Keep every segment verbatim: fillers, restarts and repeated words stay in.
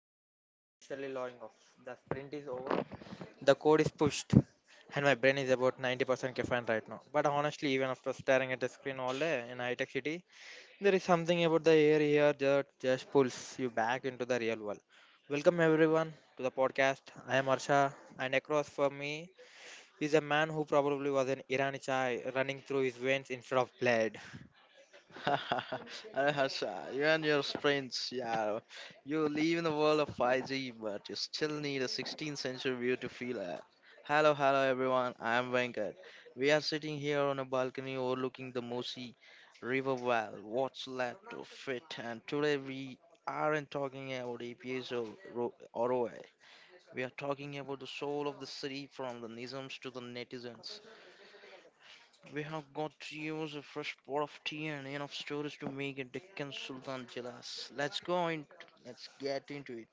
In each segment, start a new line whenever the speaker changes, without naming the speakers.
Venkat, I'm officially logging off. The sprint is over, the code is pushed, and my brain is about ninety percent caffeine right now. But honestly, even after staring at the screen all day in high tech city, there is something about the air here that just pulls you back into the real world. Welcome, everyone, to the podcast. I am Arsha, and across from me is a man who probably was an Irani chai running through his veins instead of blood.
Arey Harsha, you and your friends, yeah. You live in the world of five G, but you still need a sixteenth century view to feel it. Hello, hello everyone, I am Venkat. We are sitting here on a balcony overlooking the Mosi River. Well, what's left of it, and today we aren't talking about A P S or Ro- R O I. We are talking about the soul of the city, from the Nizams to the netizens. We have got to use a fresh pot of tea and enough stories to make a Deccan Sultan jealous. Let's go in. Let's get into it.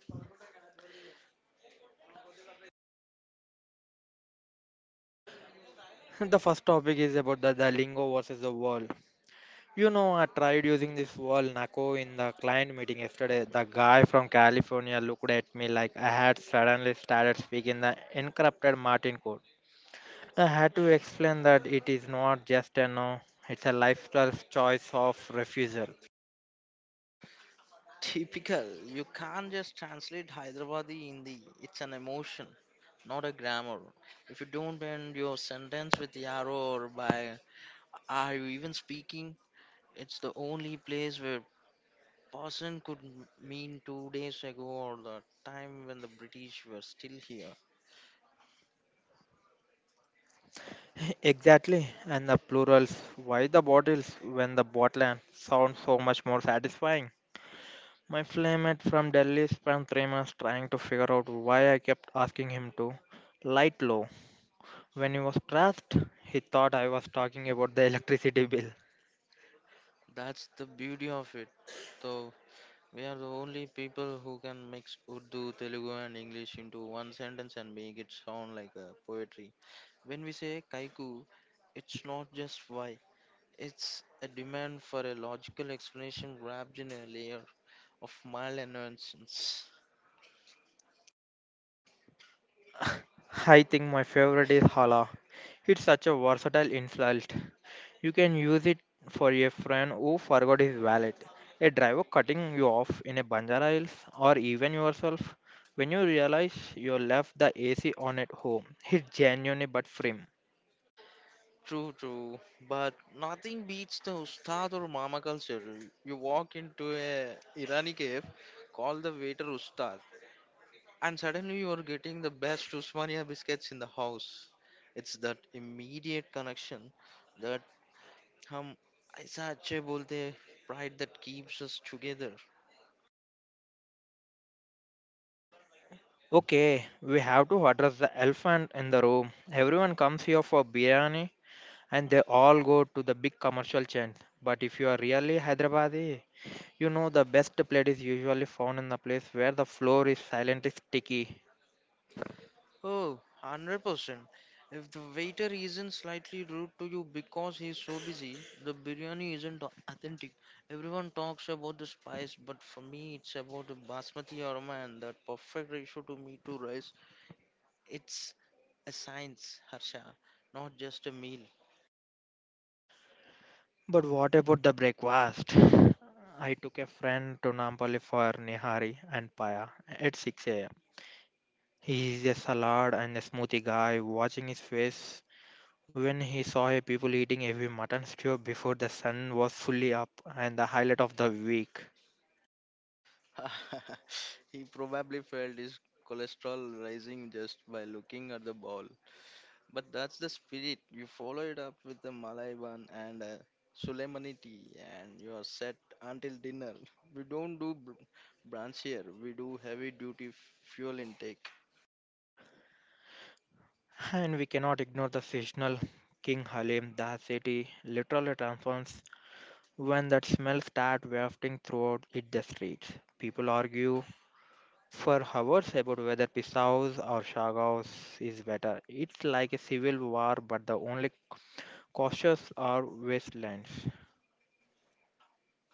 The first topic is about the, the lingo versus the world. You know, I tried using this wall Nako in the client meeting yesterday. The guy from California looked at me like I had suddenly started speaking the encrypted Martin code. I had to explain that it is not just a no, it's a lifestyle choice of refusal.
Typical. You can't just translate Hyderabadi Hindi. It's an emotion, not a grammar. If you don't end your sentence with yaro or by, are you even speaking? It's the only place where person could m- mean two days ago or the time when the British were still here.
Exactly, and the plurals. Why the bottles when the bottle sounds so much more satisfying? My flamemate from Delhi spent three months trying to figure out why I kept asking him to light low when he was stressed. He thought I was talking about the electricity bill.
That's the beauty of it, though. We are the only people who can mix Urdu, Telugu, and English into one sentence and make it sound like a poetry. When we say kaiku, it's not just why, it's a demand for a logical explanation wrapped in a layer of mild nonsense.
I think my favorite is Hala. It's such a versatile insult. You can use it for a friend who forgot his wallet, a driver cutting you off in a Banjara Hills, or even yourself. When you realize you left the A C on at home, it's genuine but frame.
True, true, but nothing beats the ustad or mama culture. You walk into a Irani cave, call the waiter ustad, and suddenly you are getting the best Usmania biscuits in the house. It's that immediate connection that hum aisa acche bolte hai, pride that keeps us together.
Okay, we have to address the elephant in the room. Everyone comes here for biryani, and they all go to the big commercial chains. But if you are really Hyderabadi, you know the best plate is usually found in the place where the floor is silently sticky.
Oh, one hundred percent. If the waiter isn't slightly rude to you because he's so busy, the biryani isn't au- authentic. Everyone talks about the spice, but for me it's about the basmati aroma and that perfect ratio to meat to rice. It's a science, Harsha, not just a meal.
But what about the breakfast? I took a friend to Nampally for Nihari and Paya at six a m. He is a salad and a smoothie guy, watching his face when he saw a people eating heavy mutton stew before the sun was fully up and the highlight of the week.
He probably felt his cholesterol rising just by looking at the ball. But that's the spirit. You follow it up with the Malay bun and a Sulaimani tea, and you are set until dinner. We don't do br- brunch here. We do heavy duty f- fuel intake.
And we cannot ignore the seasonal King Halim, the city literally transforms when that smell starts wafting throughout it the streets. People argue for hours about whether Pisao's or Shagao's is better. It's like a civil war, but the only cautious are wastelands.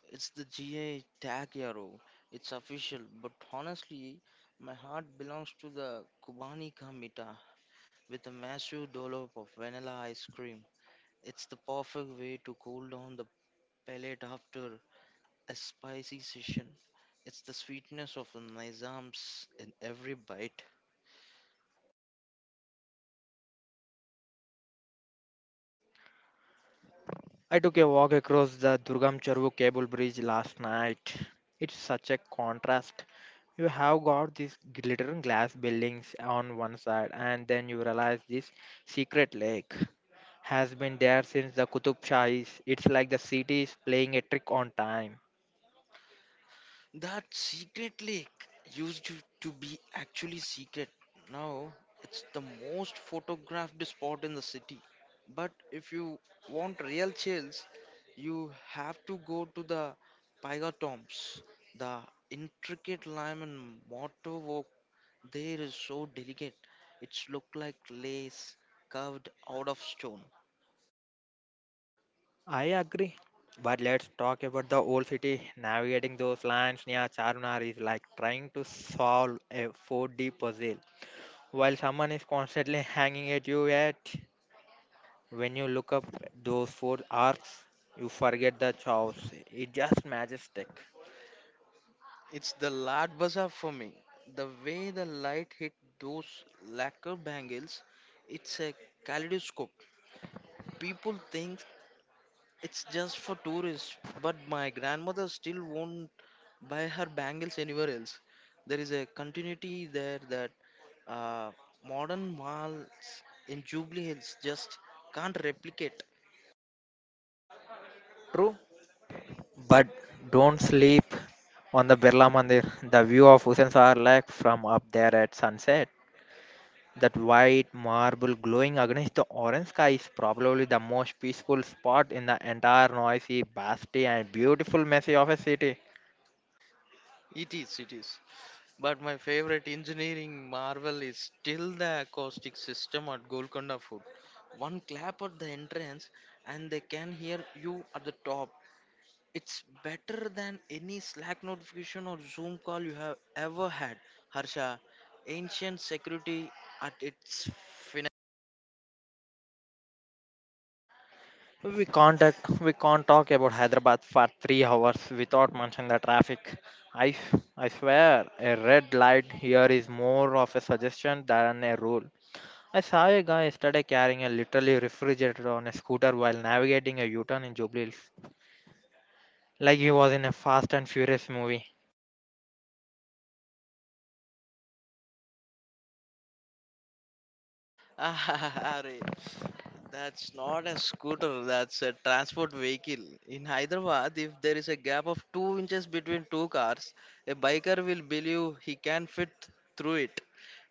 It's the G I tag, Yaro. It's official. But honestly, my heart belongs to the Kubani Kamita with a massive dollop of vanilla ice cream. It's the perfect way to cool down the palate after a spicy session. It's the sweetness of the Nizam's in every bite.
I took a walk across the Durgam Chervu cable bridge last night. It's such a contrast. You have got these glittering glass buildings on one side, and then you realize this secret lake has been there since the Qutub Shahis. It's like the city is playing a trick on time.
That secret lake used to to be actually secret. Now it's the most photographed spot in the city. But if you want real chills, you have to go to the Pyga Tombs. The intricate lime and mortar they is so delicate. It's look like lace carved out of stone.
I agree. But let's talk about the old city. Navigating those lands near Charminar is like trying to solve a four D puzzle while someone is constantly hanging at you at. When you look up those four arcs, you forget the chaos. It's just majestic.
It's the Lad Bazaar for me. The way the light hit those lacquer bangles, it's a kaleidoscope. People think it's just for tourists, but my grandmother still won't buy her bangles anywhere else. There is a continuity there that uh, modern malls in Jubilee Hills just can't replicate.
True. But don't sleep on the Birla Mandir. The view of Hussain Sar Lake from up there at sunset. That white marble glowing against the orange sky is probably the most peaceful spot in the entire noisy, busty, and beautiful messy of a city.
It is, it is. But my favorite engineering marvel is still the acoustic system at Golconda Fort. One clap at the entrance and they can hear you at the top. It's better than any Slack notification or Zoom call you have ever had. Harsha, ancient security at its...
We can't talk- we can't talk about Hyderabad for three hours without mentioning the traffic. I s- I swear a red light here is more of a suggestion than a rule. I saw a guy yesterday carrying a literally refrigerator on a scooter while navigating a U-turn in Jubilee Hills, like he was in a Fast and Furious movie.
Arey, that's not a scooter, that's a transport vehicle. In Hyderabad, if there is a gap of two inches between two cars, a biker will believe he can fit through it.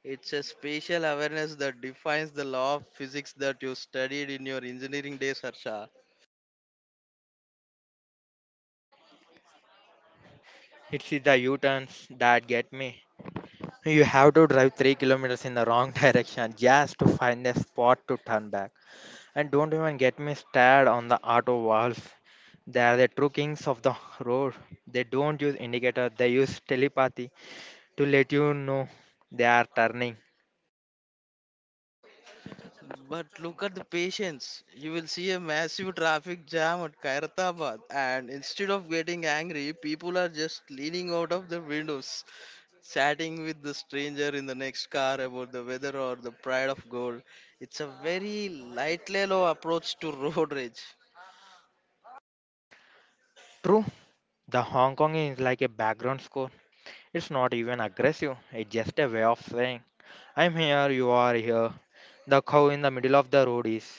It's a spatial awareness that defines the law of physics that you studied in your engineering days, Harsha.
It's the U-turns that get me. You have to drive three kilometers in the wrong direction just to find a spot to turn back. And don't even get me started on the auto valves. They are the true kings of the road. They don't use indicator, they use telepathy to let you know they are turning.
But look at the patience. You will see a massive traffic jam at Kairathabad, and instead of getting angry, people are just leaning out of the windows, chatting with the stranger in the next car about the weather or the pride of gold. It's a very light, mellow approach to road rage.
True, the Hong Kong is like a background score. It's not even aggressive, it's just a way of saying, I'm here, you are here. The cow in the middle of the road is.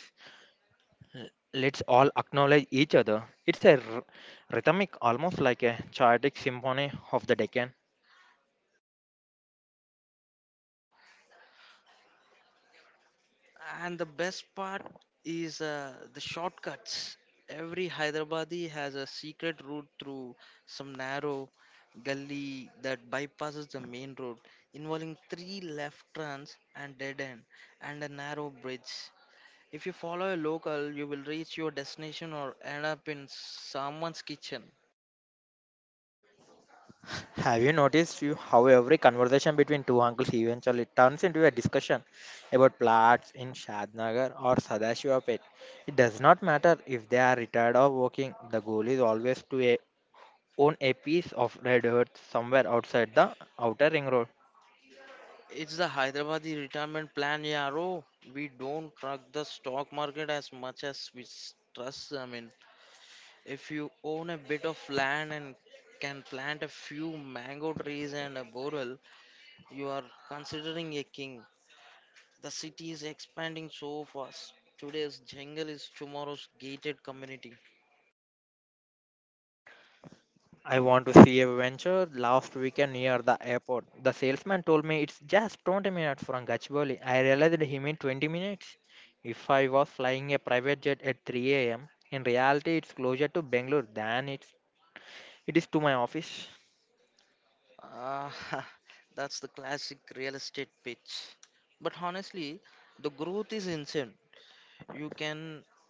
Let's all acknowledge each other. It's a r- rhythmic, almost like a chaotic symphony of the Deccan.
And the best part is uh, the shortcuts. Every Hyderabadi has a secret route through some narrow gully that bypasses the main road, involving three left turns and dead end, and a narrow bridge. If you follow a local, you will reach your destination or end up in someone's kitchen.
Have you noticed you how every conversation between two uncles eventually turns into a discussion about plots in Shadnagar or Sadashivapet? It does not matter if they are retired or working, the goal is always to a, own a piece of red earth somewhere outside the outer ring road.
It's the Hyderabadi retirement plan, yeah, bro. We don't trust the stock market as much as we s- trust, I mean. If you own a bit of land and can plant a few mango trees and a borewell, you are considering a king. The city is expanding so fast. Today's jungle is tomorrow's gated community.
I want to see a venture last weekend near the airport. The salesman told me it's just twenty minutes from Gachibowli. I realized he meant twenty minutes. If I was flying a private jet at three a m, in reality it's closer to Bangalore than it's, it is to my office.
Ah, that's the classic real estate pitch. But honestly, the growth is insane. you can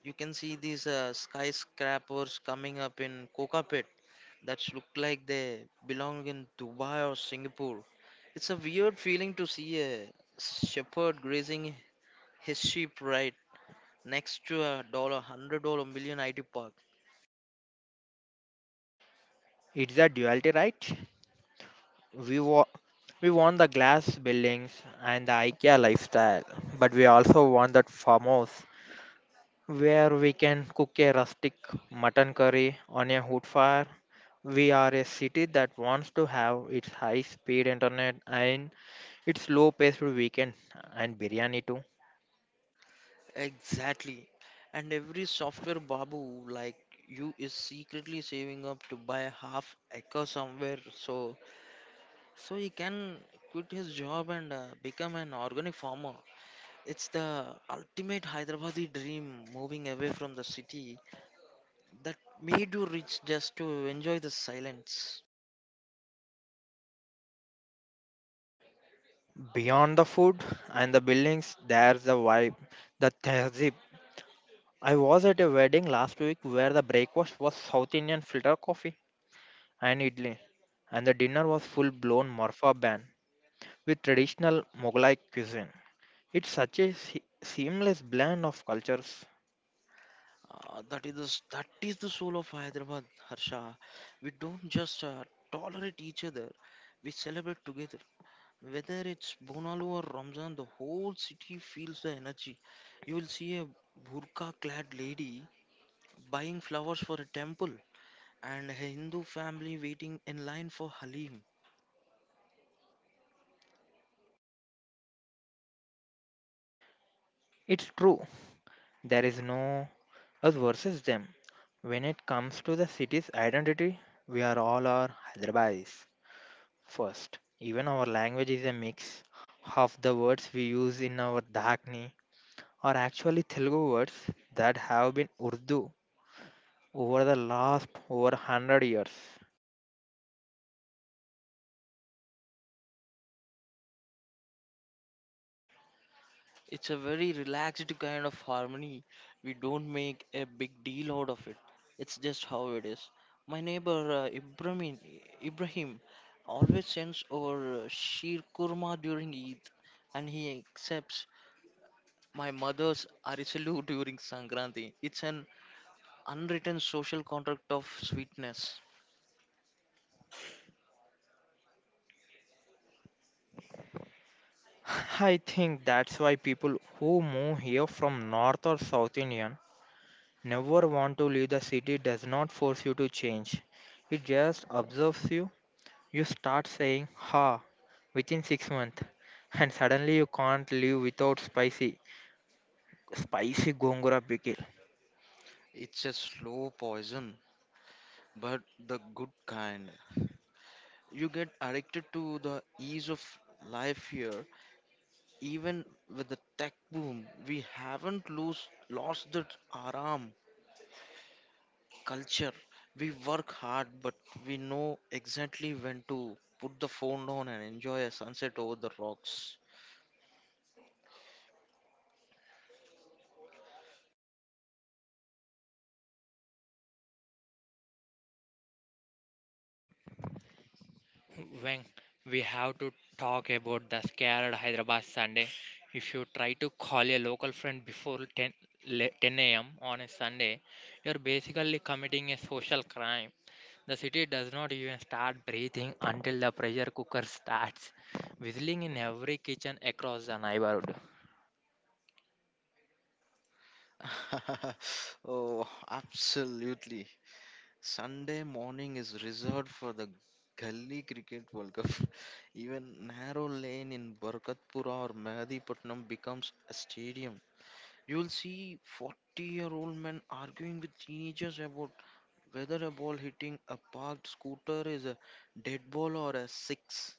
you can see these uh, skyscrapers coming up in Kokapet that look like they belong in Dubai or Singapore. It's a weird feeling to see a shepherd grazing his sheep right next to a dollar hundred dollar million I T park.
It's a duality, right? We, wa- we want the glass buildings and the IKEA lifestyle, but we also want that farmhouse where we can cook a rustic mutton curry on a wood fire. We are a city that wants to have its high speed internet and its low paced weekend and biryani too.
Exactly. And every software babu like you is secretly saving up to buy a half acre somewhere so so he can quit his job and uh, become an organic farmer. It's the ultimate Hyderabadi dream moving away from the city that made you rich just to enjoy the silence.
Beyond the food and the buildings, there's the vibe, the tehzeeb. I was at a wedding last week where the breakfast was South Indian filter coffee and idli, and the dinner was full blown Marfa band with traditional Mughlai cuisine. It's such a se- seamless blend of cultures.
Uh, that is the, s- that is the soul of Hyderabad, Harsha. We don't just uh, tolerate each other, we celebrate together. Whether it's Bonalu or Ramzan, the whole city feels the energy. You will see a burqa clad lady buying flowers for a temple and a Hindu family waiting in line for Halim.
It's true, there is no us versus them. When it comes to the city's identity, we are all our Hyderabadis first. Even our language is a mix. Half the words we use in our Dhakni are actually Telugu words that have been Urdu over the last over one hundred years.
It's a very relaxed kind of harmony. We don't make a big deal out of it. It's just how it is. My neighbor uh, Ibrahim, Ibrahim always sends over uh, sheer kurma during Eid, and he accepts my mother's arisalu during Sankranti. It's an unwritten social contract of sweetness.
I think that's why people who move here from North or South India never want to leave the city does not force you to change. It just observes you. You start saying ha within six months and suddenly you can't live without spicy spicy gongura pickle.
It's a slow poison, but the good kind. You get addicted to the ease of life here. Even with the tech boom, we haven't lose, lost that Aram culture. We work hard, but we know exactly when to put the phone down and enjoy a sunset over the rocks.
When we have to talk about the scared Hyderabad Sunday, if you try to call a local friend before ten, le- ten a m on a Sunday, you're basically committing a social crime. The city does not even start breathing until the pressure cooker starts whistling in every kitchen across the neighborhood.
Oh, absolutely. Sunday morning is reserved for the Gully Cricket World Cup. Even narrow lane in Barkatpura or Mehadipatnam becomes a stadium. You'll see forty year old men arguing with teenagers about whether a ball hitting a parked scooter is a dead ball or a six.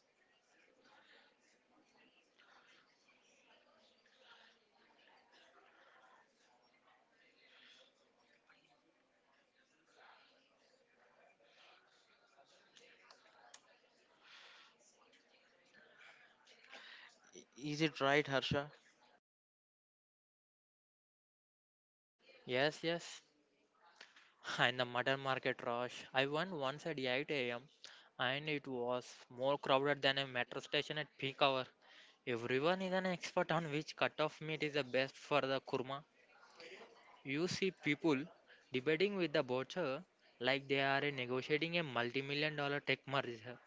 I- Is it right, Harsha?
Yes, yes. And the mutton market rush. I went once at eight a m and it was more crowded than a metro station at peak hour. Everyone is an expert on which cut of meat is the best for the kurma. You see people debating with the butcher like they are negotiating a multi million dollar tech merger.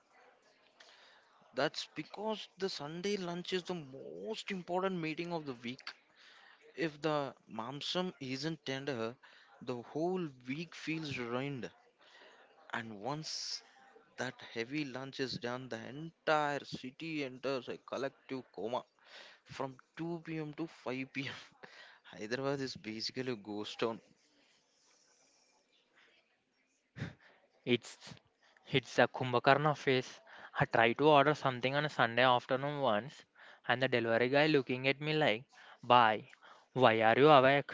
That's because the Sunday lunch is the most important meeting of the week. If the mamsam isn't tender, the whole week feels ruined. And once that heavy lunch is done, the entire city enters a collective coma from two p m to five p m. Hyderabad is basically a ghost town.
It's it's a Kumbhakarna face. I tried to order something on a Sunday afternoon once, and the delivery guy looking at me like, "Bye, why are you awake?"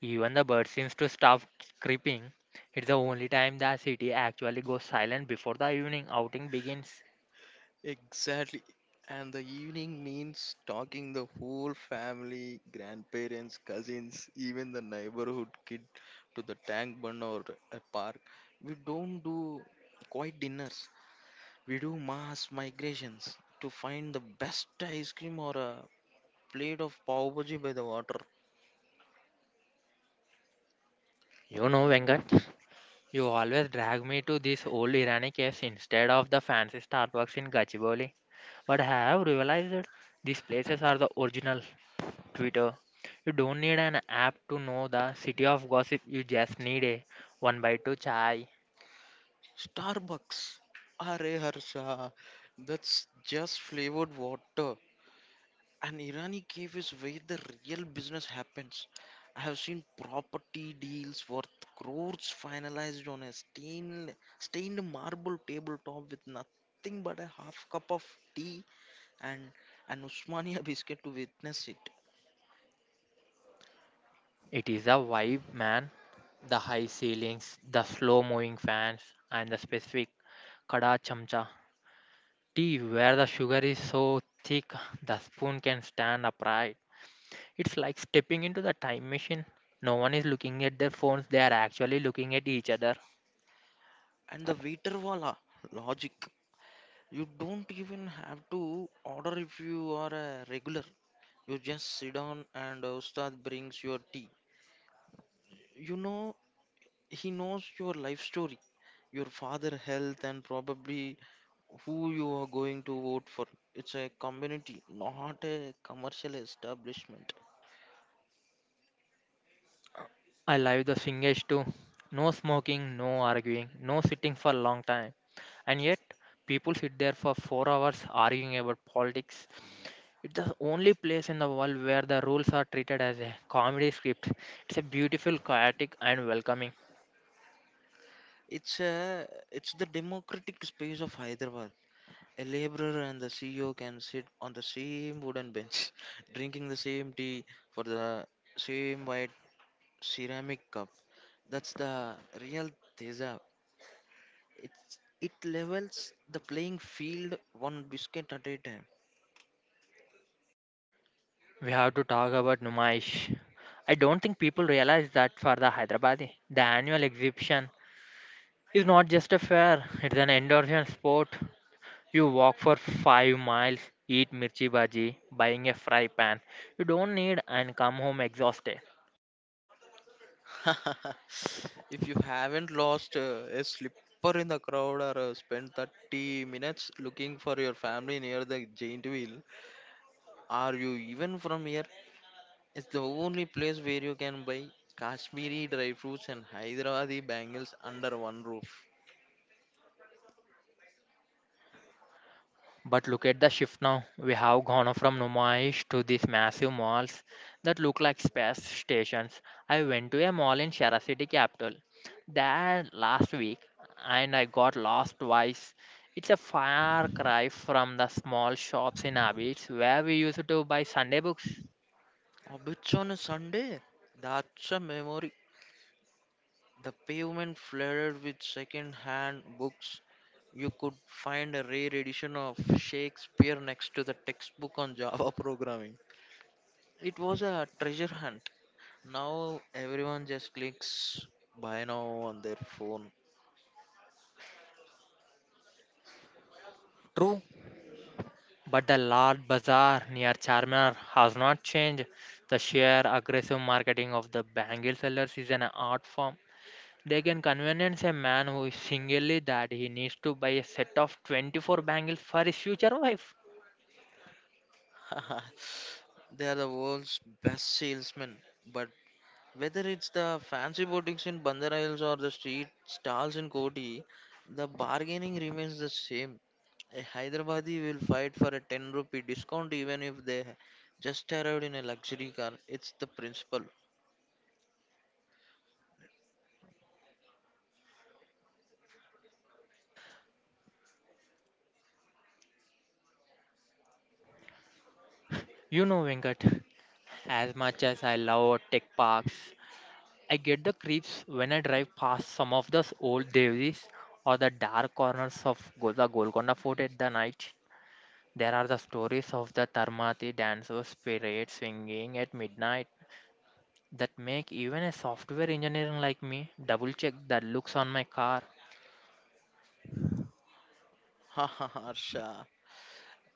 Even the bird seems to stop creeping. It's the only time the city actually goes silent before the evening outing begins.
Exactly. And the evening means talking the whole family, grandparents, cousins, even the neighborhood kid to the tank bun or a park. We don't do quiet dinners. We do mass migrations to find the best ice cream or a plate of pav bhaji by the water.
You know, Venkat, you always drag me to this old Irani case instead of the fancy Starbucks in Gachibowli. But I have realized that these places are the original Twitter. You don't need an app to know the city of gossip. You just need a one by two chai.
Starbucks. Arey Harsha, that's just flavored water. An Irani cave is where the real business happens. I have seen property deals worth crores finalized on a stained, stained marble tabletop with nothing but a half cup of tea and an Usmania biscuit to witness it.
It is a vibe, man. The high ceilings, the slow moving fans, and the specific kada chamcha. Tea where the sugar is so thick the spoon can stand upright. It's like stepping into the time machine. No one is looking at their phones, they are actually looking at each other.
And the waiter wala, logic. You don't even have to order if you are a regular. You just sit down and uh, Ustad brings your tea. You know, he knows your life story, your father health, and probably who you are going to vote for. It's a community, not a commercial establishment.
I love the swingers too. No smoking, no arguing, no sitting for a long time. And yet, people sit there for four hours arguing about politics. It's the only place in the world where the rules are treated as a comedy script. It's a beautiful, chaotic, and welcoming.
It's a it's the democratic space of Hyderabad. A laborer and the C E O can sit on the same wooden bench, drinking the same tea for the same white ceramic cup. That's the real Teja. It's, it levels the playing field one biscuit at a time.
We have to talk about Numaish. I don't think people realize that for the Hyderabadi, the annual exhibition is not just a fair, it's an endurance sport. You walk for five miles, eat mirchi bhaji, buying a fry pan. You don't need and come home exhausted.
If you haven't lost uh, a slipper in the crowd or uh, spent thirty minutes looking for your family near the giant wheel, are you even from here? It's the only place where you can buy Kashmiri dry fruits and Hyderabadi bangles under one roof.
But look at the shift now. We have gone from Numaish to these massive malls that look like space stations. I went to a mall in Shara City capital there last week and I got lost twice. It's a far cry from the small shops in Abbeys where we used to buy Sunday books.
A bitch on a Sunday? That's a memory. The pavement flooded with second-hand books. You could find a rare edition of Shakespeare next to the textbook on Java programming. It was a treasure hunt. Now everyone just clicks buy now on their phone.
True, but the Lord Bazaar near Charminar has not changed. The sheer aggressive marketing of the bangle sellers is an art form. They can convince a man who is single that he needs to buy a set of twenty-four bangles for his future wife.
They are the world's best salesmen. But whether it's the fancy boutiques in Bandar Hills or the street stalls in Koti, the bargaining remains the same. A Hyderabadi will fight for a ten rupee discount even if they ha- just arrived in a luxury car. It's the principle.
You know, Venkat, as much as I love tech parks, I get the creeps when I drive past some of those old devis or the dark corners of Go- the Golconda Fort at the night. There are the stories of the Tarmati dancers' spirit swinging at midnight that make even a software engineer like me double check the looks on my car.
Ha ha ha, Harsha.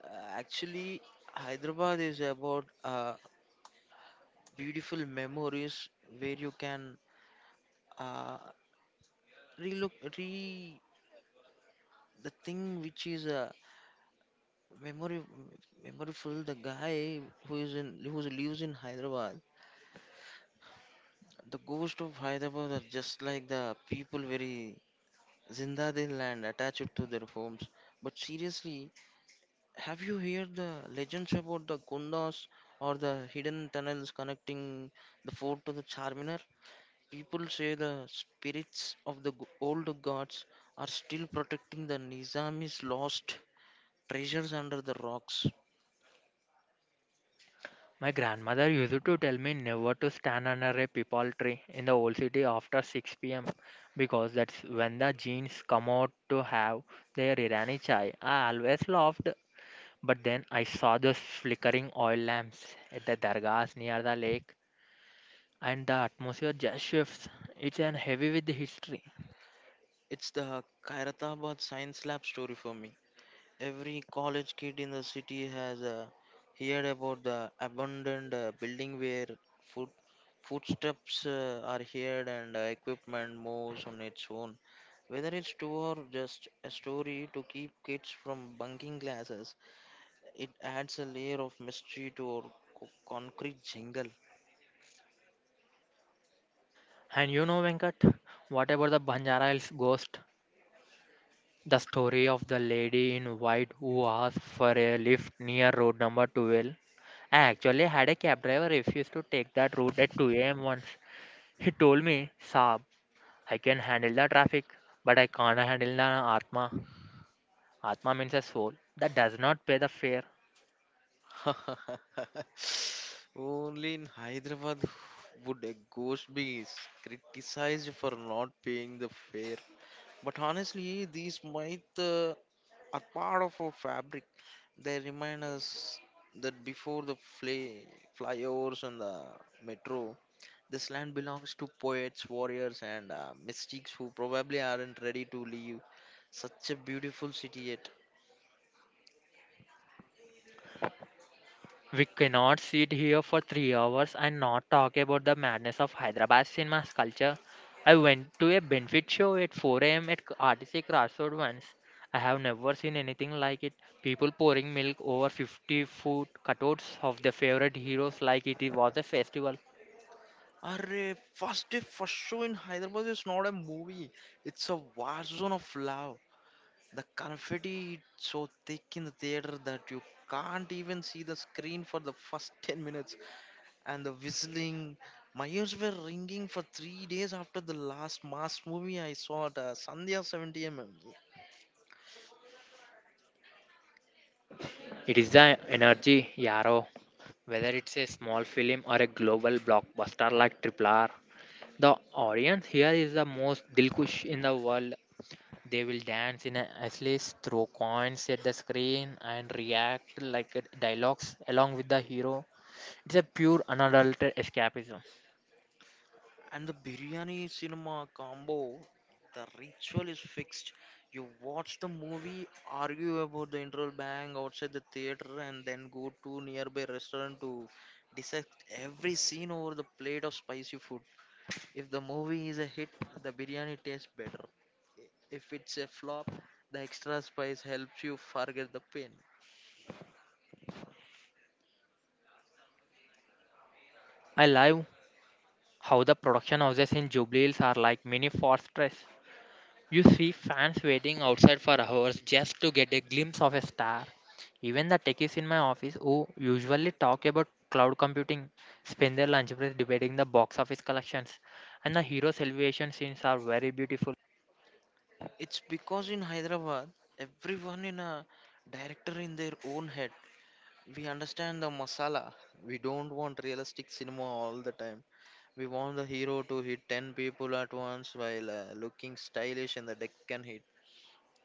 Uh, Actually, Hyderabad is about uh, beautiful memories where you can uh, relook, re the thing which is uh, memory, memorable. The guy who is in who lives in Hyderabad, the ghost of Hyderabad are just like the people very Zinda they land attached to their homes. But seriously, have you heard the legends about the Kundas or the hidden tunnels connecting the fort to the Charminar? People say the spirits of the g- old gods are still protecting the Nizami's lost treasures under the rocks.
My grandmother used to tell me never to stand under a peepal tree in the old city after six p m because that's when the genes come out to have their Irani chai. I always laughed, but then I saw those flickering oil lamps at the dargahs near the lake, and the atmosphere just shifts. It's an heavy with history.
It's the Khairatabad science lab story for me. Every college kid in the city has uh, heard about the abandoned uh, building where foot, footsteps uh, are heard and uh, equipment moves on its own. Whether it's true or just a story to keep kids from bunking classes, it adds a layer of mystery to our co- concrete jungle.
And you know, Venkat, what about the Banjara Hills ghost? The story of the lady in white who asked for a lift near road number twelve. I actually had a cab driver refuse to take that route at two a m once. He told me, Saab, I can handle the traffic, but I can't handle the Atma. Atma means a soul that does not pay the fare.
Only in Hyderabad would a ghost be s- criticized for not paying the fare. But honestly, these myths uh, are part of our fabric. They remind us that before the fly, flyovers and the metro, this land belongs to poets, warriors, and uh, mystics who probably aren't ready to leave such a beautiful city yet.
We cannot sit here for three hours and not talk about the madness of Hyderabad cinema's culture. I went to a benefit show at four a m at R T C Crossroad once. I have never seen anything like it. People pouring milk over fifty foot cutouts of their favorite heroes like it was a festival.
Arre, first day, first show in Hyderabad is not a movie, it's a war zone of love. The confetti is so thick in the theater that you can't even see the screen for the first ten minutes, and the whistling. My ears were ringing for three days after the last mass movie I saw at uh, Sandhya seventy millimeter.
It is the energy, Yarrow. Whether it's a small film or a global blockbuster like Triple R, the audience here is the most dilkush in the world. They will dance in a asleep, throw coins at the screen, and react like a- dialogues along with the hero. It's a pure unadulterated escapism.
And the biryani cinema combo, the ritual is fixed. You watch the movie, argue about the interval bang outside the theater, and then go to nearby restaurant to dissect every scene over the plate of spicy food. If the movie is a hit, the biryani tastes better. If it's a flop, the extra spice helps you forget the pain.
I love how the production houses in Jubilee are like mini fortress. You see fans waiting outside for hours just to get a glimpse of a star. Even the techies in my office who usually talk about cloud computing spend their lunch break debating the box office collections. And the hero celebration scenes are very beautiful.
It's because in Hyderabad, everyone in a director in their own head. We understand the masala. We don't want realistic cinema all the time. We want the hero to hit ten people at once while uh, looking stylish in the Deccan heat.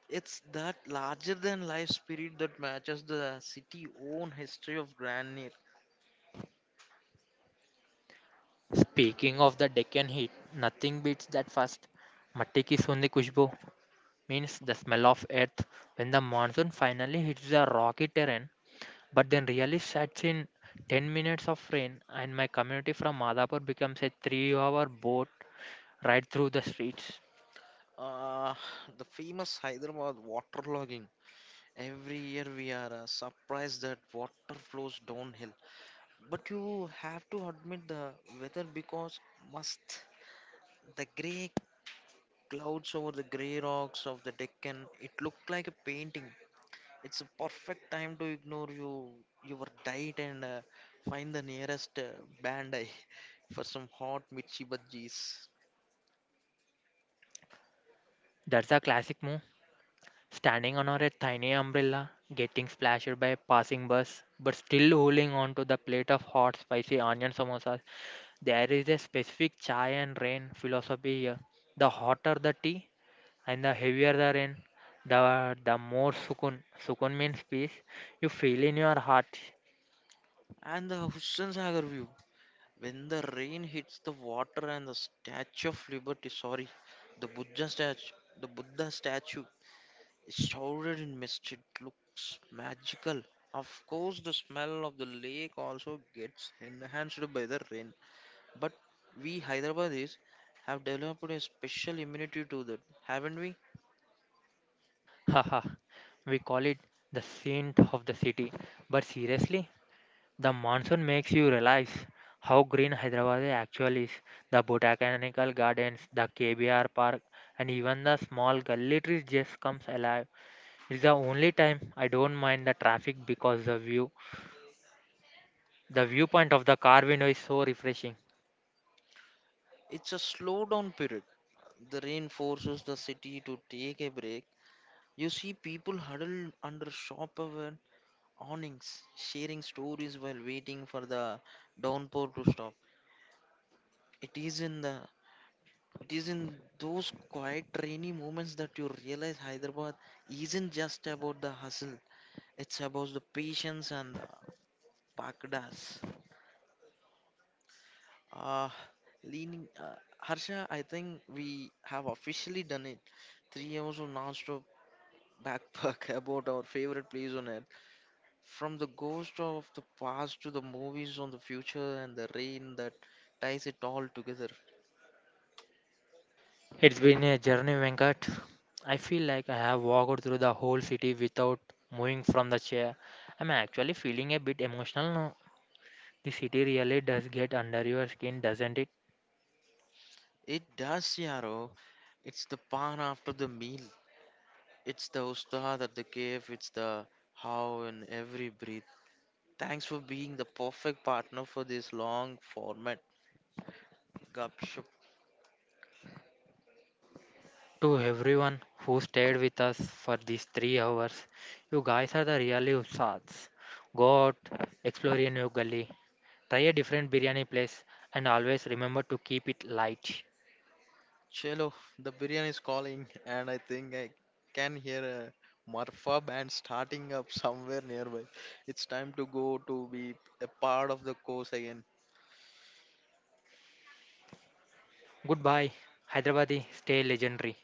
It's that larger than life spirit that matches the city own history of grandeur.
Speaking of the Deccan heat, nothing beats that first. Matti ki sundi kushbu means the smell of earth when the monsoon finally hits the rocky terrain. But then really sets in ten minutes of rain and my community from Madhapur becomes a three-hour boat ride through the streets.
Uh, the famous Hyderabad waterlogging. Every year we are uh, surprised that water flows downhill. But you have to admit the weather because must. The grey clouds over the grey rocks of the Deccan, it looked like a painting. It's a perfect time to ignore you, your diet and uh, find the nearest uh, Bandai for some hot mirchi bhajis.
That's a classic move. Standing under a tiny umbrella, getting splashed by a passing bus, but still holding on to the plate of hot spicy onion samosas. There is a specific chai and rain philosophy here. The hotter the tea and the heavier the rain, the, the more sukun. Sukun means peace. You feel in your heart.
And the Hussain Sagar view. When the rain hits the water and the Statue of Liberty, sorry, the Buddha statue, the Buddha statue is shrouded in mist. It looks magical. Of course, the smell of the lake also gets enhanced by the rain. But we Hyderabadis have developed a special immunity to that, haven't we?
Haha, we call it the saint of the city. But seriously, the monsoon makes you realize how green Hyderabad actually is. The botanical gardens, the K B R park, and even the small gully trees just comes alive. It's the only time I don't mind the traffic because the view, the viewpoint of the car window is so refreshing.
It's a slow down period. The rain forces the city to take a break. You see people huddled under shop awnings, sharing stories while waiting for the downpour to stop. It is in the it is in those quiet rainy moments that you realize Hyderabad isn't just about the hustle. It's about the patience and the pakdas. Uh, leaning uh, Harsha, I think we have officially done it. Three hours of non-stop backpack about our favorite place on earth. From the ghost of the past to the movies on the future and the rain that ties it all together.
It's been a journey, Venkat. I feel like I have walked through the whole city without moving from the chair. I'm actually feeling a bit emotional. The city really does get under your skin, doesn't it?
It does, Yaro. It's the pan after the meal. It's the ustad at the cave. It's the how in every breath. Thanks for being the perfect partner for this long format. Gupshup.
To everyone who stayed with us for these three hours, you guys are the really usats. Go out, explore a new gully, try a different biryani place, and always remember to keep it light.
Chelo, the biryani is calling, and I think I can hear a Marfa band starting up somewhere nearby. It's time to go to be a part of the course again.
Goodbye, Hyderabadi, stay legendary.